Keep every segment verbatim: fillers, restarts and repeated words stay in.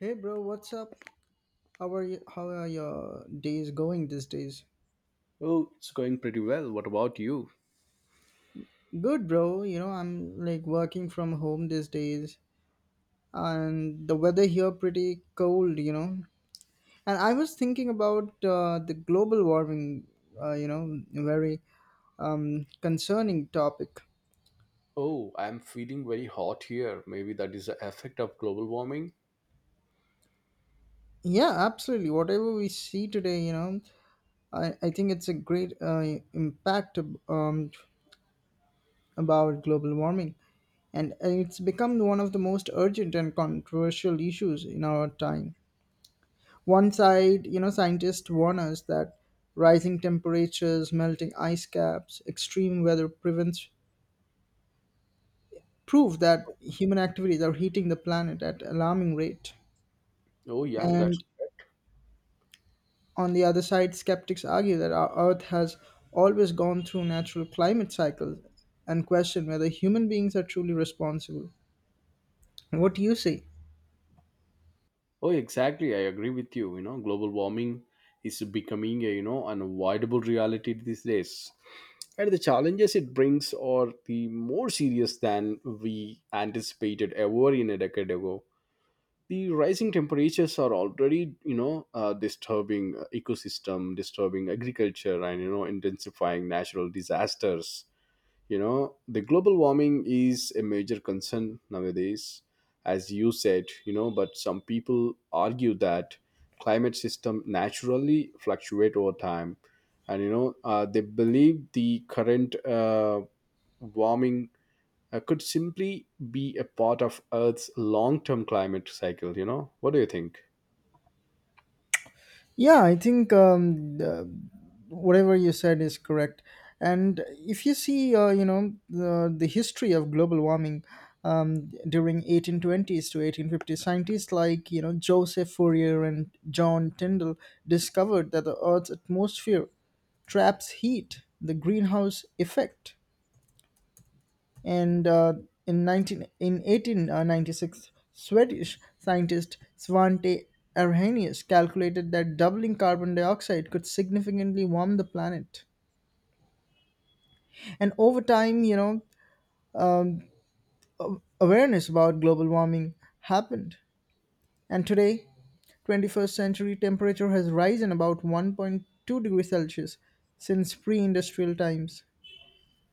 Hey bro, what's up? How are you? How are your days going these days? Oh, it's going pretty well. What about you? Good bro, you know, I'm like working from home these days, and the weather here pretty cold, you know. And I was thinking about uh, the global warming, uh, you know, very um, concerning topic. Oh, I'm feeling very hot here. Maybe that is the effect of global warming. Yeah, absolutely. Whatever we see today, you know, I, I think it's a great uh, impact um, about global warming, and it's become one of the most urgent and controversial issues in our time. One side, you know, scientists warn us that rising temperatures, melting ice caps, extreme weather prevents prove that human activities are heating the planet at alarming rate. Oh, yeah, that's. And on the other side, skeptics argue that our Earth has always gone through natural climate cycles and question whether human beings are truly responsible. What do you say? Oh, exactly. I agree with you. You know, global warming is becoming a, you know, unavoidable reality these days. And the challenges it brings are the more serious than we anticipated ever in a decade ago. The rising temperatures are already, you know, uh, disturbing uh, ecosystem, disturbing agriculture, and you know, intensifying natural disasters. You know, the global warming is a major concern nowadays, as you said, you know, but some people argue that climate system naturally fluctuate over time. And, you know, uh, they believe the current uh, warming uh, could simply be a part of Earth's long-term climate cycle, you know? What do you think? Yeah, I think um, uh, whatever you said is correct. And if you see, uh, you know, the, the history of global warming um, during eighteen twenties to eighteen fifties, scientists like, you know, Joseph Fourier and John Tyndall discovered that the Earth's atmosphere traps heat, the greenhouse effect, and uh, in nineteen in eighteen ninety-six Swedish scientist Svante Arrhenius calculated that doubling carbon dioxide could significantly warm the planet. And over time, you know um, a- awareness about global warming happened, and today twenty-first century temperature has risen about one point two degrees Celsius since pre-industrial times.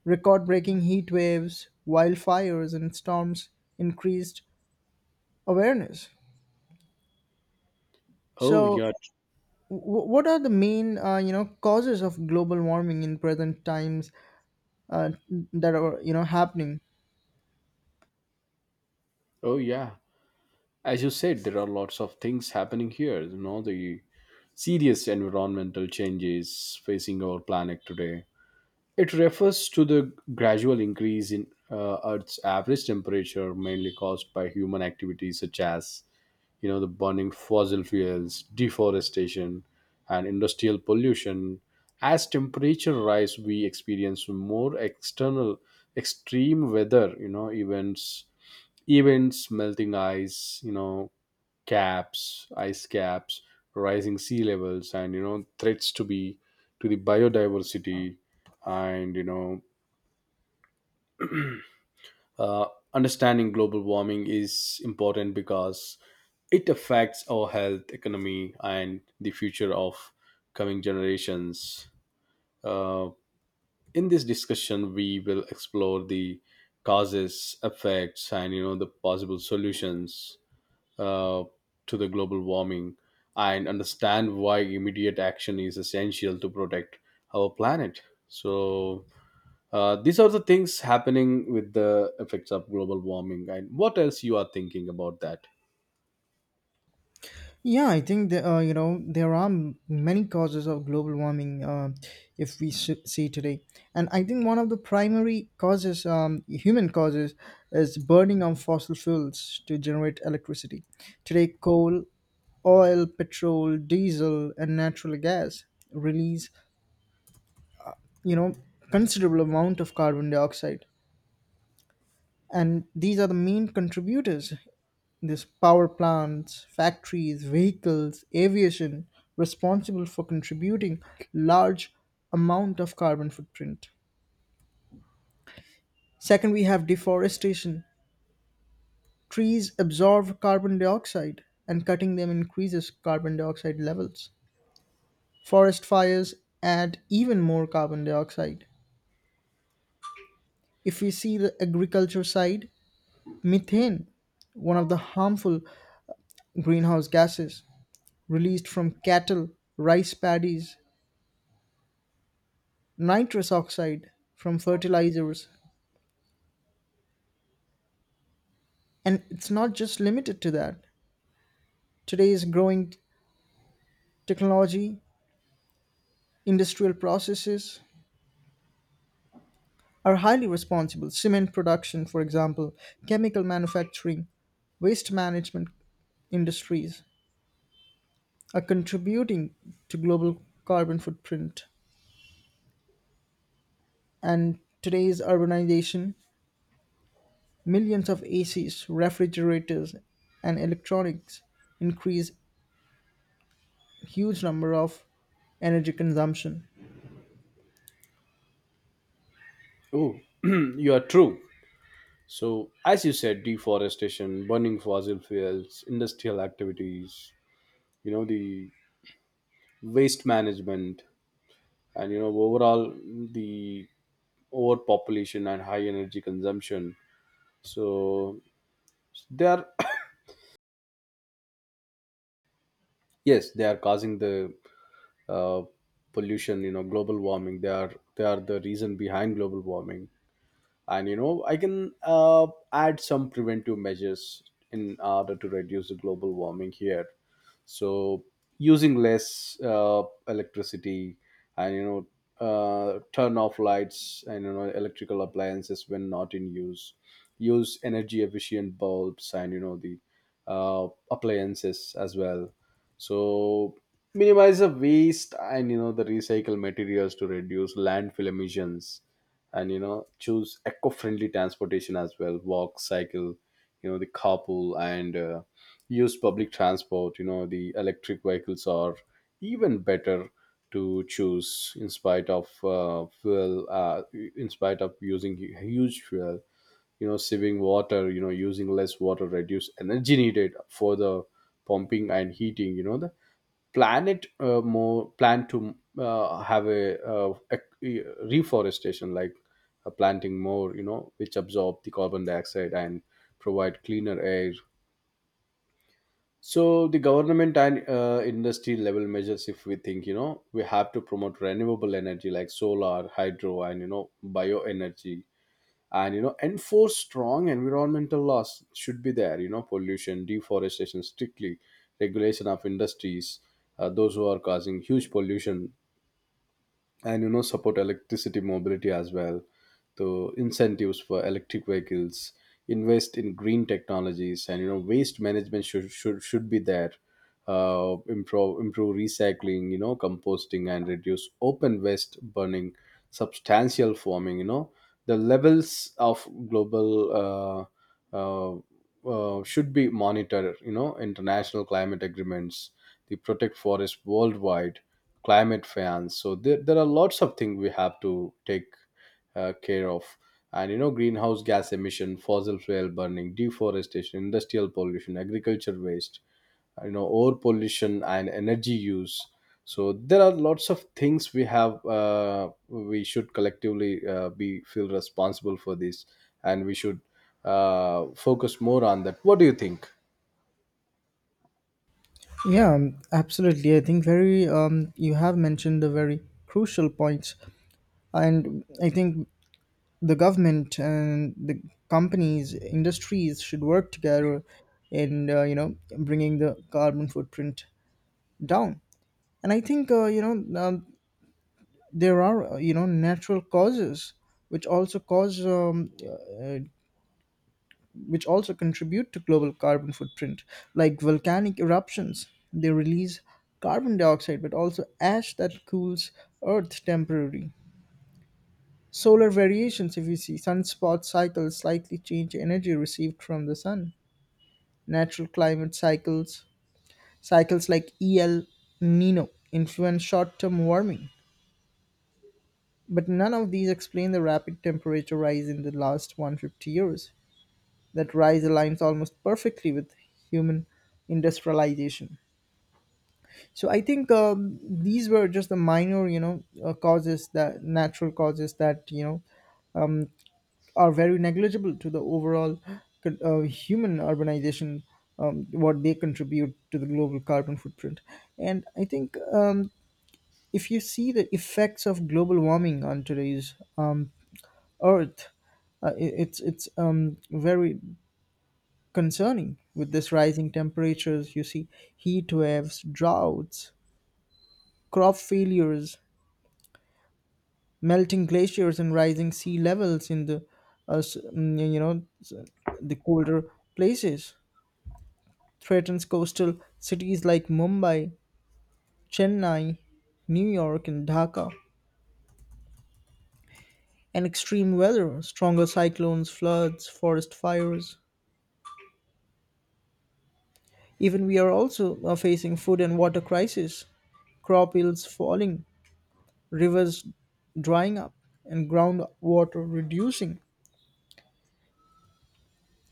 Record breaking heat waves, wildfires and storms increased awareness. Oh, So, yeah. w- what are the main, uh, you know, causes of global warming in present times uh, that are, you know, happening? Oh, yeah. As you said, there are lots of things happening here. You know, the serious environmental changes facing our planet today. It refers to the gradual increase in uh, Earth's average temperature, mainly caused by human activities such as, you know, the burning fossil fuels, deforestation, and industrial pollution. As temperature rise, we experience more external extreme weather, you know, events, events, melting ice, you know, caps, ice caps, rising sea levels, and you know threats to be to the biodiversity, and you know uh, Understanding global warming is important because it affects our health, economy, and the future of coming generations. Uh, in this discussion, we will explore the causes, effects, and you know the possible solutions uh, to the global warming, and understand why immediate action is essential to protect our planet. So uh, these are the things happening with the effects of global warming. And what else you are thinking about that? Yeah, I think that, uh, you know there are m- many causes of global warming uh, if we s- see today, and I think one of the primary causes, um, human causes, is burning of fossil fuels to generate electricity. Today, coal, oil, petrol, diesel, and natural gas release, you know, considerable amount of carbon dioxide, and these are the main contributors. This power plants, factories, vehicles, aviation responsible for contributing large amount of carbon footprint. Second, we have deforestation. Trees absorb carbon dioxide, and cutting them increases carbon dioxide levels. Forest fires add even more carbon dioxide. If we see the agriculture side, methane, one of the harmful greenhouse gases, released from cattle, rice paddies, nitrous oxide from fertilizers. And it's not just limited to that. Today's growing technology, industrial processes are highly responsible. Cement production, for example, chemical manufacturing, waste management industries are contributing to global carbon footprint. And today's urbanization, millions of A Cs, refrigerators, and electronics increase huge number of energy consumption. Oh, you are true. So as you said, deforestation, burning fossil fuels, industrial activities, you know the waste management, and you know overall the overpopulation and high energy consumption. So they are yes they are causing the uh, pollution, you know global warming they are they are the reason behind global warming. And you know i can uh, add some preventive measures in order to reduce the global warming here. So, using less uh, electricity, and you know uh, turn off lights and you know electrical appliances when not in use. Use energy efficient bulbs, and you know the uh, appliances as well. So, minimize the waste, and you know the recycle materials to reduce landfill emissions, and you know choose eco-friendly transportation as well, walk, cycle, you know the carpool, and uh, use public transport. You know the electric vehicles are even better to choose in spite of uh, fuel, uh, in spite of using hu- huge fuel. You know saving water, you know using less water reduce energy needed for the pumping and heating. You know the Planet, uh, more plan to uh, have a, uh, ec- e, reforestation, like uh, planting more, you know which absorb the carbon dioxide and provide cleaner air. So the government and uh, industry level measures, if we think, you know, we have to promote renewable energy like solar, hydro, and you know, bioenergy, and you know, enforce strong environmental laws should be there. You know, pollution, deforestation, strictly regulation of industries, uh, those who are causing huge pollution, and you know support electricity mobility as well. So, incentives for electric vehicles, invest in green technologies, and you know waste management should should, should be there. Uh, improve improve recycling, you know composting and reduce open waste burning. Substantial farming, you know the levels of global uh, uh, uh, should be monitored. You know international climate agreements, the protect forests worldwide, climate fans. So there, there are lots of things we have to take uh, care of. And you know greenhouse gas emission, fossil fuel burning, deforestation, industrial pollution, agriculture waste, you know over pollution and energy use. So there are lots of things we have uh, we should collectively uh, be feel responsible for this, and we should uh, focus more on that. What do you think? Yeah, um, absolutely. I think very um, you have mentioned the very crucial points, and I think the government and the companies, industries should work together in uh, you know bringing the carbon footprint down. And I think uh, you know um, there are uh, you know natural causes which also cause um, uh, which also contribute to global carbon footprint, like volcanic eruptions. They release carbon dioxide but also ash that cools Earth temporarily. Solar variations, if you see, sunspot cycles slightly change energy received from the sun. Natural climate cycles, cycles like El Nino, influence short term warming. But none of these explain the rapid temperature rise in the last one hundred fifty years. That rise aligns almost perfectly with human industrialization. So I think um, these were just the minor, you know, uh, causes that natural causes that you know um, are very negligible to the overall con- uh, human urbanization. Um, what they contribute to the global carbon footprint, and I think um, if you see the effects of global warming on today's um, Earth, uh, i- it's it's um, very concerning with this rising temperatures. You see heat waves, droughts, crop failures, melting glaciers and rising sea levels in the uh, s- mm, you know s- the colder places, threatens coastal cities like Mumbai, Chennai, New York and Dhaka. And extreme weather, stronger cyclones, floods, forest fires. Even we are also uh, facing food and water crisis, crop yields falling, rivers drying up, and groundwater reducing.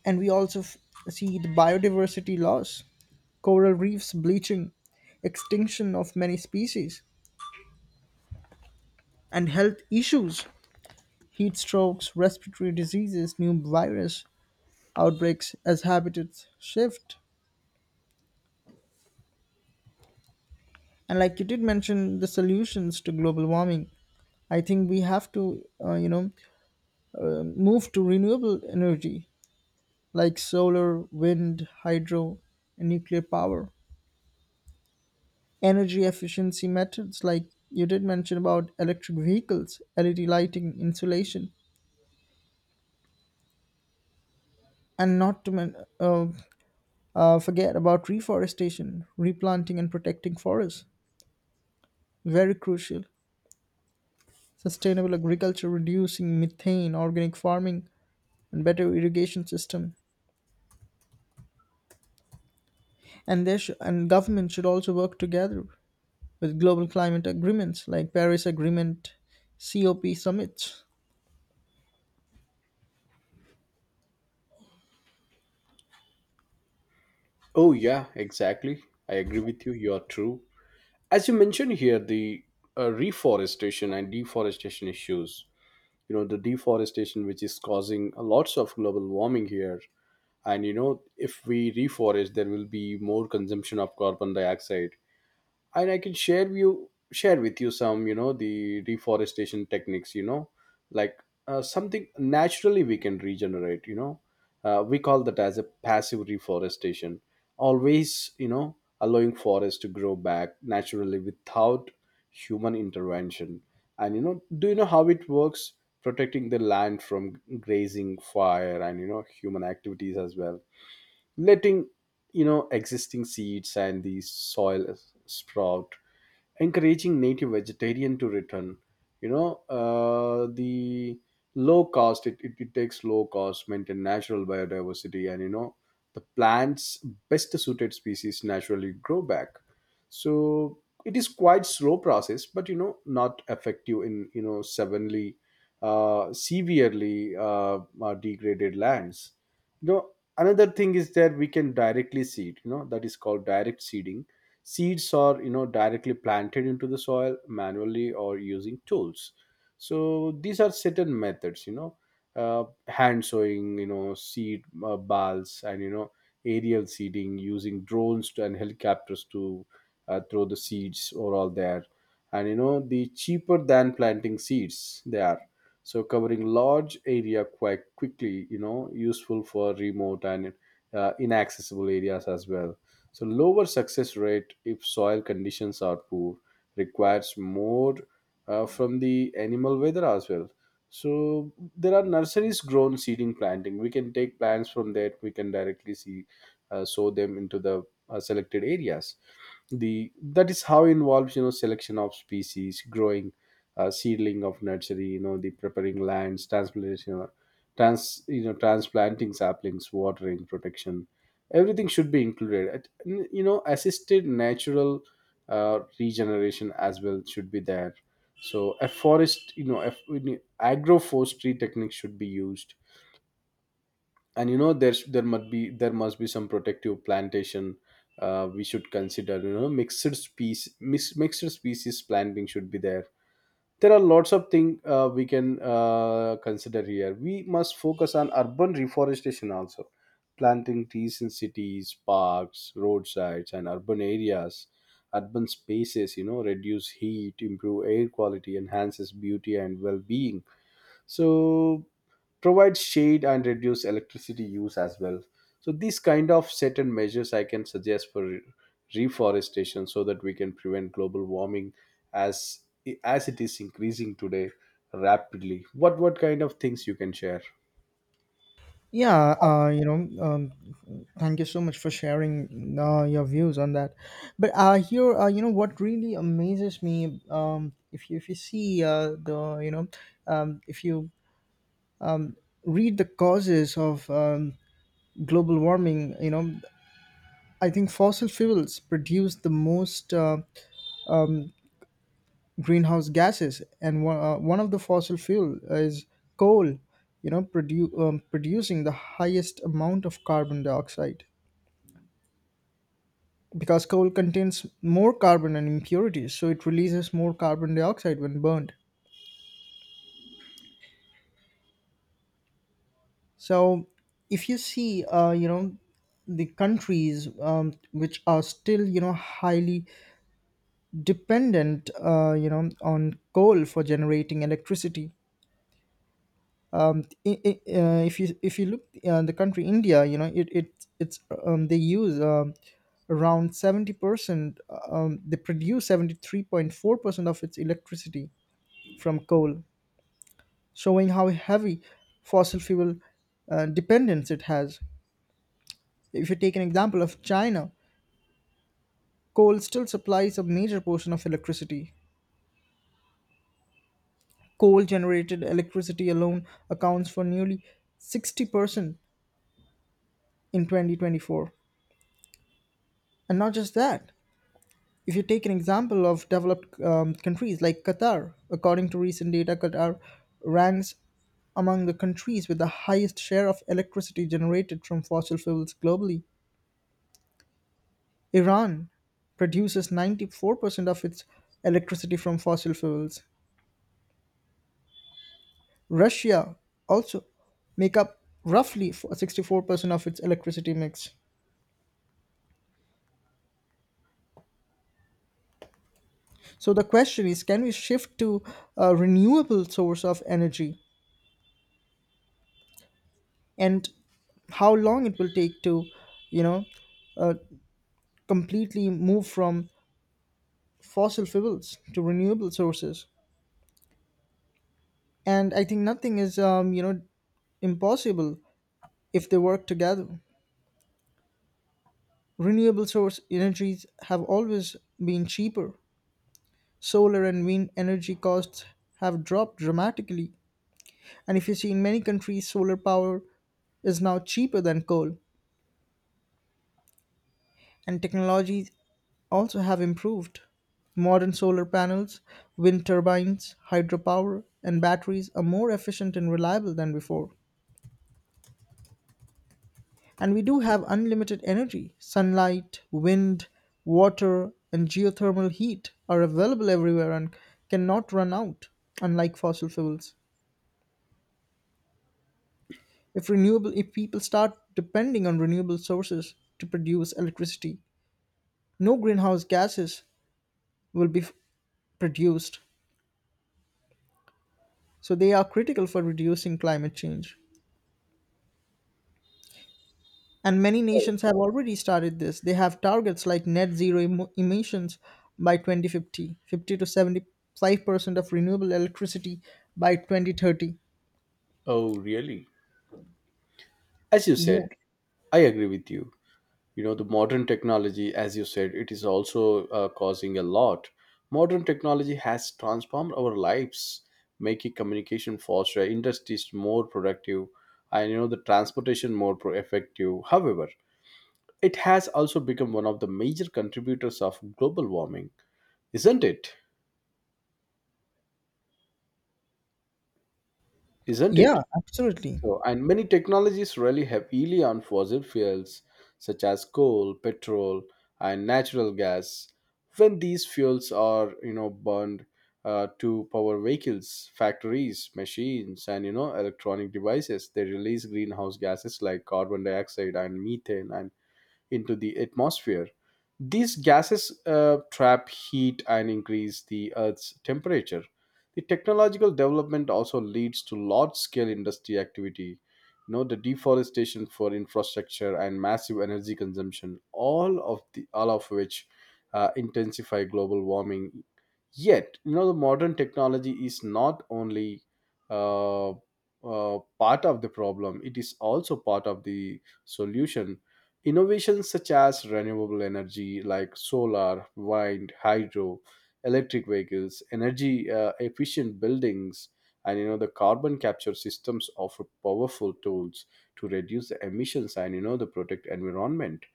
And we also f- see the biodiversity loss, coral reefs bleaching, extinction of many species, and health issues, heat strokes, respiratory diseases, new virus outbreaks as habitats shift. And like you did mention, the solutions to global warming, I think we have to, uh, you know, uh, move to renewable energy like solar, wind, hydro, and nuclear power. Energy efficiency methods like you did mention about electric vehicles, L E D lighting, insulation, and not to men- uh, uh, forget about reforestation, replanting, and protecting forests. Very crucial. Sustainable agriculture, reducing methane, organic farming, and better irrigation system. And there should and government should also work together with global climate agreements like Paris Agreement, COP summits. Oh, yeah, exactly. I agree with you. You are true. As you mentioned here the uh, reforestation and deforestation issues. You know the deforestation which is causing lots of global warming here. And you know if we reforest, there will be more consumption of carbon dioxide. And I can share you share with you some, you know the reforestation techniques, you know, like uh, something naturally we can regenerate. You know, uh, we call that as a passive reforestation. Always, you know, allowing forests to grow back naturally without human intervention. And you know, do you know how it works? Protecting the land from grazing fire, and you know human activities as well, letting, you know existing seeds and the soil sprout, encouraging native vegetarian to return. You know uh, the Low cost, it, it, it takes low cost, maintain natural biodiversity, and you know the plants best suited species naturally grow back. So, it is quite slow process but you know not effective in, you know suddenly uh, severely uh, uh, degraded lands. You know, another thing is that we can directly seed. You know, that is called direct seeding. Seeds are, you know, directly planted into the soil manually or using tools. So these are certain methods, you know, uh, hand sowing, you know, seed uh, balls, and you know aerial seeding using drones to, and helicopters to uh, throw the seeds overall there. And you know the cheaper than planting seeds they are. So, covering large area quite quickly, you know, useful for remote and uh, inaccessible areas as well. So, lower success rate if soil conditions are poor, requires more uh, from the animal weather as well. So, there are nurseries grown seeding planting. We can take plants from that, we can directly see, uh, sow them into the uh, selected areas. The that is how involves, you know, selection of species growing, uh, seedling of nursery, you know, the preparing lands, transplantation, trans, you know, transplanting saplings, watering, protection. Everything should be included. At- n- You know, assisted natural uh, regeneration as well should be there. So, a forest, you know, if we need agroforestry techniques should be used, and you know, there's there must be there must be some protective plantation. Uh, we should consider, you know, mixed species mix, mixed species planting should be there. There are lots of things uh, we can uh, consider here. We must focus on urban reforestation also, planting trees in cities, parks, roadsides, and urban areas, urban spaces. You know, reduce heat, improve air quality, enhances beauty and well-being. So, provide shade and reduce electricity use as well. So, these kind of certain measures I can suggest for re- reforestation, so that we can prevent global warming, as as it is increasing today rapidly. What what kind of things you can share? Yeah, uh, you know, um, thank you so much for sharing uh, your views on that. But uh, here, uh, you know, what really amazes me, um, if you if you see uh, the, you know, um, if you read the causes of um, global warming, you know, I think fossil fuels produce the most uh, greenhouse gases, and one, uh, one of the fossil fuel is coal. You know, produ- um, producing the highest amount of carbon dioxide, because coal contains more carbon and impurities, so it releases more carbon dioxide when burned. So if you see, uh, you know the countries um, which are still, you know, highly dependent uh, you know on coal for generating electricity, um, I I uh, if you if you look uh, the country India, you know, it, it it's um, they use um, around seventy percent, um, they produce seventy-three point four percent of its electricity from coal, showing how heavy fossil fuel uh, dependence it has. If you take an example of China, coal still supplies a major portion of electricity. Coal generated electricity alone accounts for nearly sixty percent in twenty twenty-four. And not just that, if you take an example of developed um, countries like Qatar, according to recent data, Qatar ranks among the countries with the highest share of electricity generated from fossil fuels globally. Iran produces ninety-four percent of its electricity from fossil fuels. Russia also make up roughly f- sixty-four percent of its electricity mix. So the question is, can we shift to a renewable source of energy, and how long it will take to, you know, uh, completely move from fossil fuels to renewable sources? And I think nothing is um, you know impossible if they work together. Renewable source energies have always been cheaper. Solar and wind energy costs have dropped dramatically. And if you see, in many countries, solar power is now cheaper than coal. And technologies also have improved. Modern solar panels, wind turbines, hydropower, and batteries are more efficient and reliable than before. And we do have unlimited energy. Sunlight, wind, water, and geothermal heat are available everywhere and cannot run out, unlike fossil fuels. If renewable if people start depending on renewable sources to produce electricity, no greenhouse gases will be f- produced. So they are critical for reducing climate change. And many nations have already started this. They have targets like net zero emo- emissions by twenty fifty, fifty to seventy-five percent of renewable electricity by twenty thirty. Oh, really? As you Yeah. said, I agree with you. You know, the modern technology, as you said, it is also uh, causing a lot. Modern technology has transformed our lives, making communication faster, industries more productive, and you know the transportation more pro- effective. However, it has also become one of the major contributors of global warming, isn't it isn't Yeah, it absolutely. So, and many technologies rely heavily on fossil fuels such as coal, petrol, and natural gas. When these fuels are, you know, burned uh, to power vehicles, factories, machines, and you know, electronic devices, they release greenhouse gases like carbon dioxide and methane, and into the atmosphere. These gases uh, trap heat and increase the Earth's temperature. The technological development also leads to large scale industry activity. You know, the deforestation for infrastructure and massive energy consumption, all of the all of which uh, intensify global warming. Yet, you know, the modern technology is not only uh, uh, part of the problem, it is also part of the solution. Innovations such as renewable energy like solar, wind, hydro, electric vehicles, energy uh, efficient buildings, and you know the carbon capture systems offer powerful tools to reduce the emissions, and you know the protect environment.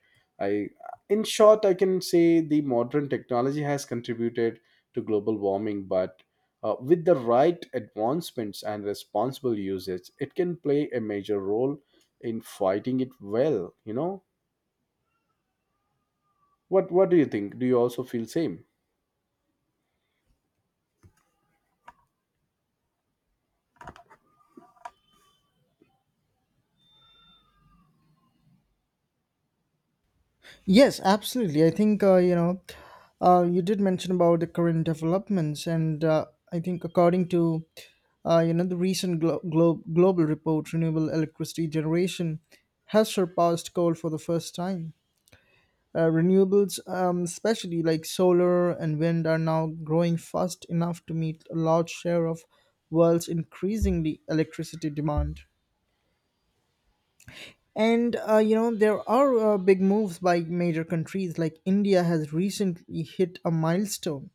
I in short, I can say the modern technology has contributed to global warming, but uh, with the right advancements and responsible usage, it can play a major role in fighting it well. You know, what what do you think? Do you also feel same? Yes, absolutely. I think, uh, you know, uh, you did mention about the current developments, and uh, I think according to, uh, you know, the recent glo- glo- global report, renewable electricity generation has surpassed coal for the first time. Uh, renewables, um, especially like solar and wind, are now growing fast enough to meet a large share of world's increasingly electricity demand. And uh, you know there are uh, big moves by major countries. Like India has recently hit a milestone.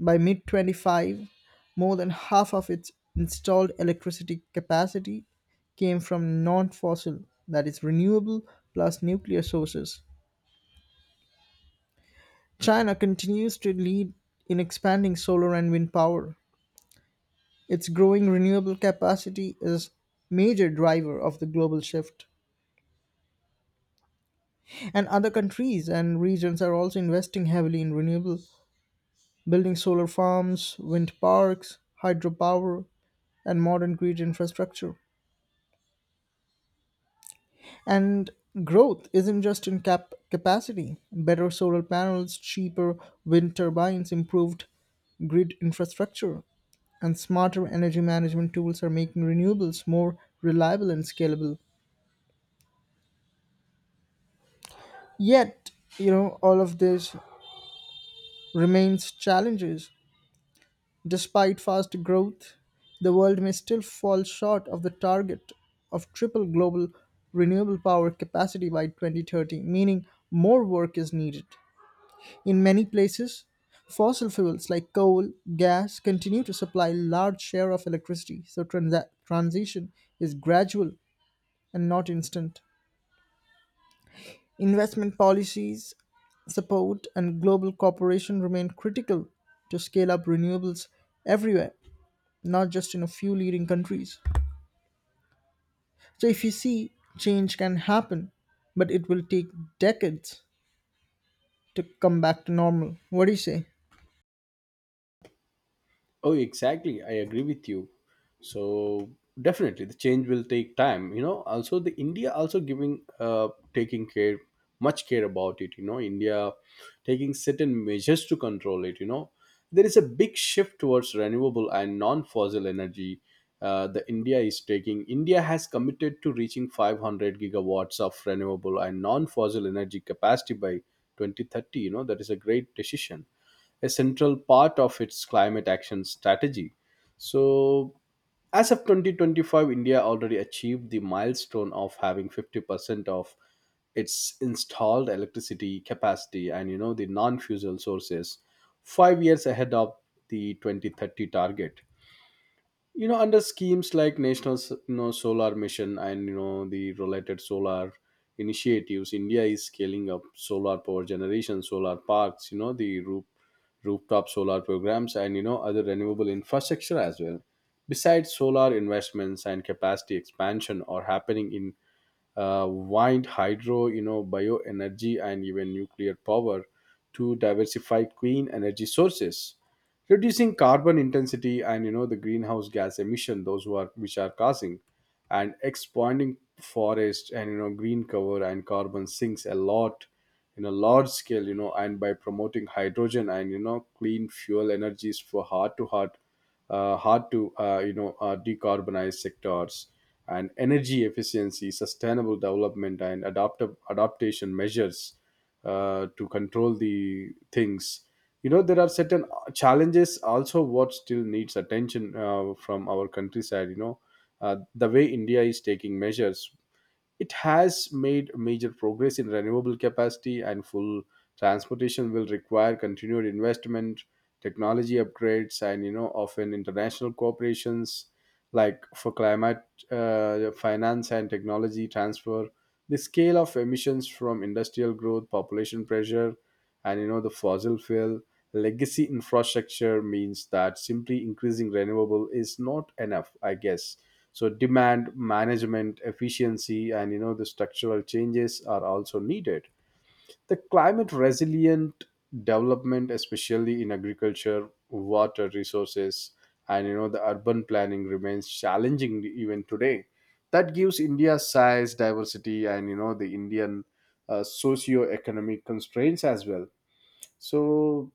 By mid twenty-five, more than half of its installed electricity capacity came from non-fossil, that is renewable plus nuclear sources. China continues to lead in expanding solar and wind power. Its growing renewable capacity is major driver of the global shift. And other countries and regions are also investing heavily in renewable, building solar farms, wind parks, hydropower, and modern grid infrastructure. And growth isn't just in cap- capacity. Better solar panels, cheaper wind turbines, improved grid infrastructure, and smarter energy management tools are making renewables more reliable and scalable. Yet, you know, all of this remains challenges. Despite fast growth, the world may still fall short of the target of triple global renewable power capacity by twenty thirty, meaning more work is needed. In many places, fossil fuels like coal, gas continue to supply large share of electricity, so transa- transition is gradual and not instant. Investment policies, support and global cooperation remain critical to scale up renewables everywhere, not just in a few leading countries. So if you see, change can happen, but it will take decades to come back to normal. What do you say? Oh, exactly. I agree with you. So, definitely, the change will take time. You know, also the India also giving uh taking care much care about it. You know, India taking certain measures to control it. You know, there is a big shift towards renewable and non-fossil energy. Uh, the India is taking. India has committed to reaching five hundred gigawatts of renewable and non-fossil energy capacity by twenty thirty. You know, that is a great decision, a central part of its climate action strategy. So, as of twenty twenty-five, India already achieved the milestone of having fifty percent of its installed electricity capacity, and you know the non-fuel sources, five years ahead of the twenty thirty target. You know, under schemes like national S- you know, solar mission, and you know the related solar initiatives, India is scaling up solar power generation, solar parks, you know the roof rooftop solar programs, and you know other renewable infrastructure as well. Besides solar, investments and capacity expansion are happening in uh, wind, hydro, you know, bioenergy, and even nuclear power to diversify clean energy sources, reducing carbon intensity, and you know the greenhouse gas emission those who are which are causing, and expanding forest, and you know green cover and carbon sinks a lot in a large scale, you know, and by promoting hydrogen, and you know clean fuel energies for heart to heart uh, hard to uh, you know uh, decarbonize sectors, and energy efficiency, sustainable development and adaptive adaptation measures uh, to control the things. You know, there are certain challenges also what still needs attention uh, from our countryside. You know, uh, the way India is taking measures, it has made major progress in renewable capacity, and full transportation will require continued investment, technology upgrades, and you know often international corporations like for climate uh, finance and technology transfer. The scale of emissions from industrial growth, population pressure, and you know the fossil fuel legacy infrastructure means that simply increasing renewable is not enough, I guess. So, demand management efficiency, and you know the structural changes are also needed. The climate resilient development, especially in agriculture, water resources, and you know the urban planning remains challenging even today. That gives India's size, diversity, and you know the Indian uh, socio-economic constraints as well. So,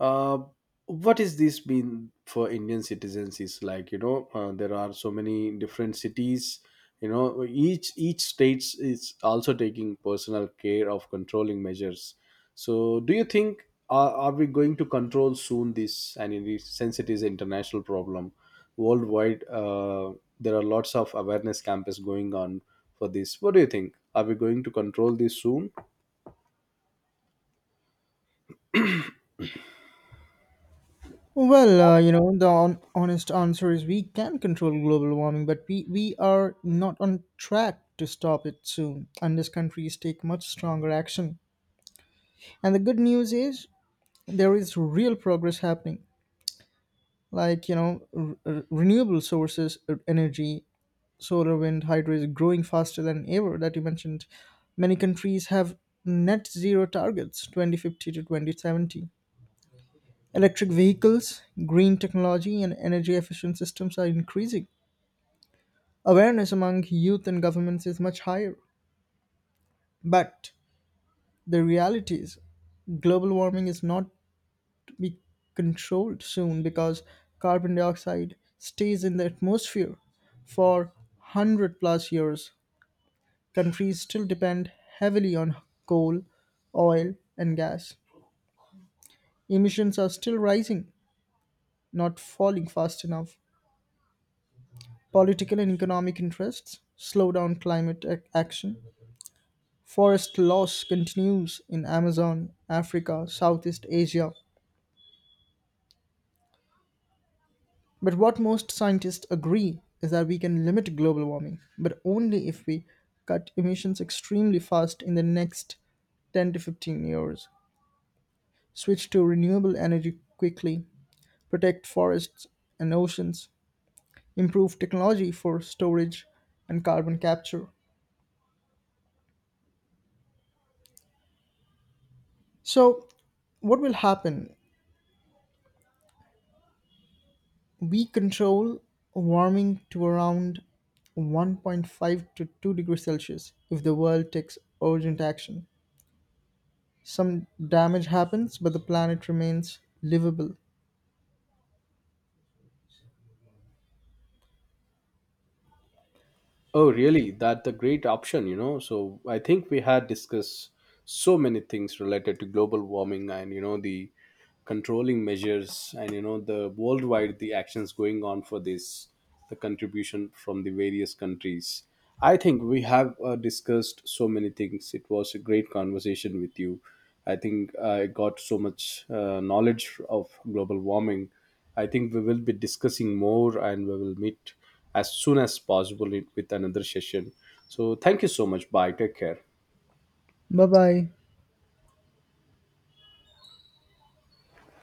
uh, what is this been for Indian citizens? Is like, you know, uh, there are so many different cities. You know, each each states is also taking personal care of controlling measures. So, do you think are, are we going to control soon this? And in this sense, it is an international problem worldwide. Uh, there are lots of awareness campus going on for this. What do you think? Are we going to control this soon? Well, uh, you know, the on- honest answer is, we can control global warming, but we, we are not on track to stop it soon unless countries take much stronger action. And the good news is there is real progress happening, like, you know, r- r- renewable sources, uh, energy, solar, wind, hydro is growing faster than ever that you mentioned. Many countries have net zero targets twenty fifty to twenty seventy. Electric vehicles, green technology, and energy efficient systems are increasing. Awareness among youth and governments is much higher. But the reality is, global warming is not to be controlled soon because carbon dioxide stays in the atmosphere for one hundred plus years. Countries still depend heavily on coal, oil, and gas. Emissions are still rising, not falling fast enough. Political and economic interests slow down climate ac- action. Forest loss continues in Amazon, Africa, Southeast Asia. But what most scientists agree is that we can limit global warming, but only if we cut emissions extremely fast in the next ten to fifteen years, switch to renewable energy quickly, protect forests and oceans, improve technology for storage and carbon capture. So, what will happen, we control warming to around one point five to two degrees Celsius if the world takes urgent action. Some damage happens, but the planet remains livable. Oh, really? That's a great option, you know. So, I think we had discussed so many things related to global warming, and, you know, the controlling measures, and, you know, the worldwide the actions going on for this, the contribution from the various countries. I think we have uh, discussed so many things. It was a great conversation with you. I think uh, I got so much uh, knowledge of global warming. I think we will be discussing more, and we will meet as soon as possible with another session. So, thank you so much. Bye. Take care. Bye bye.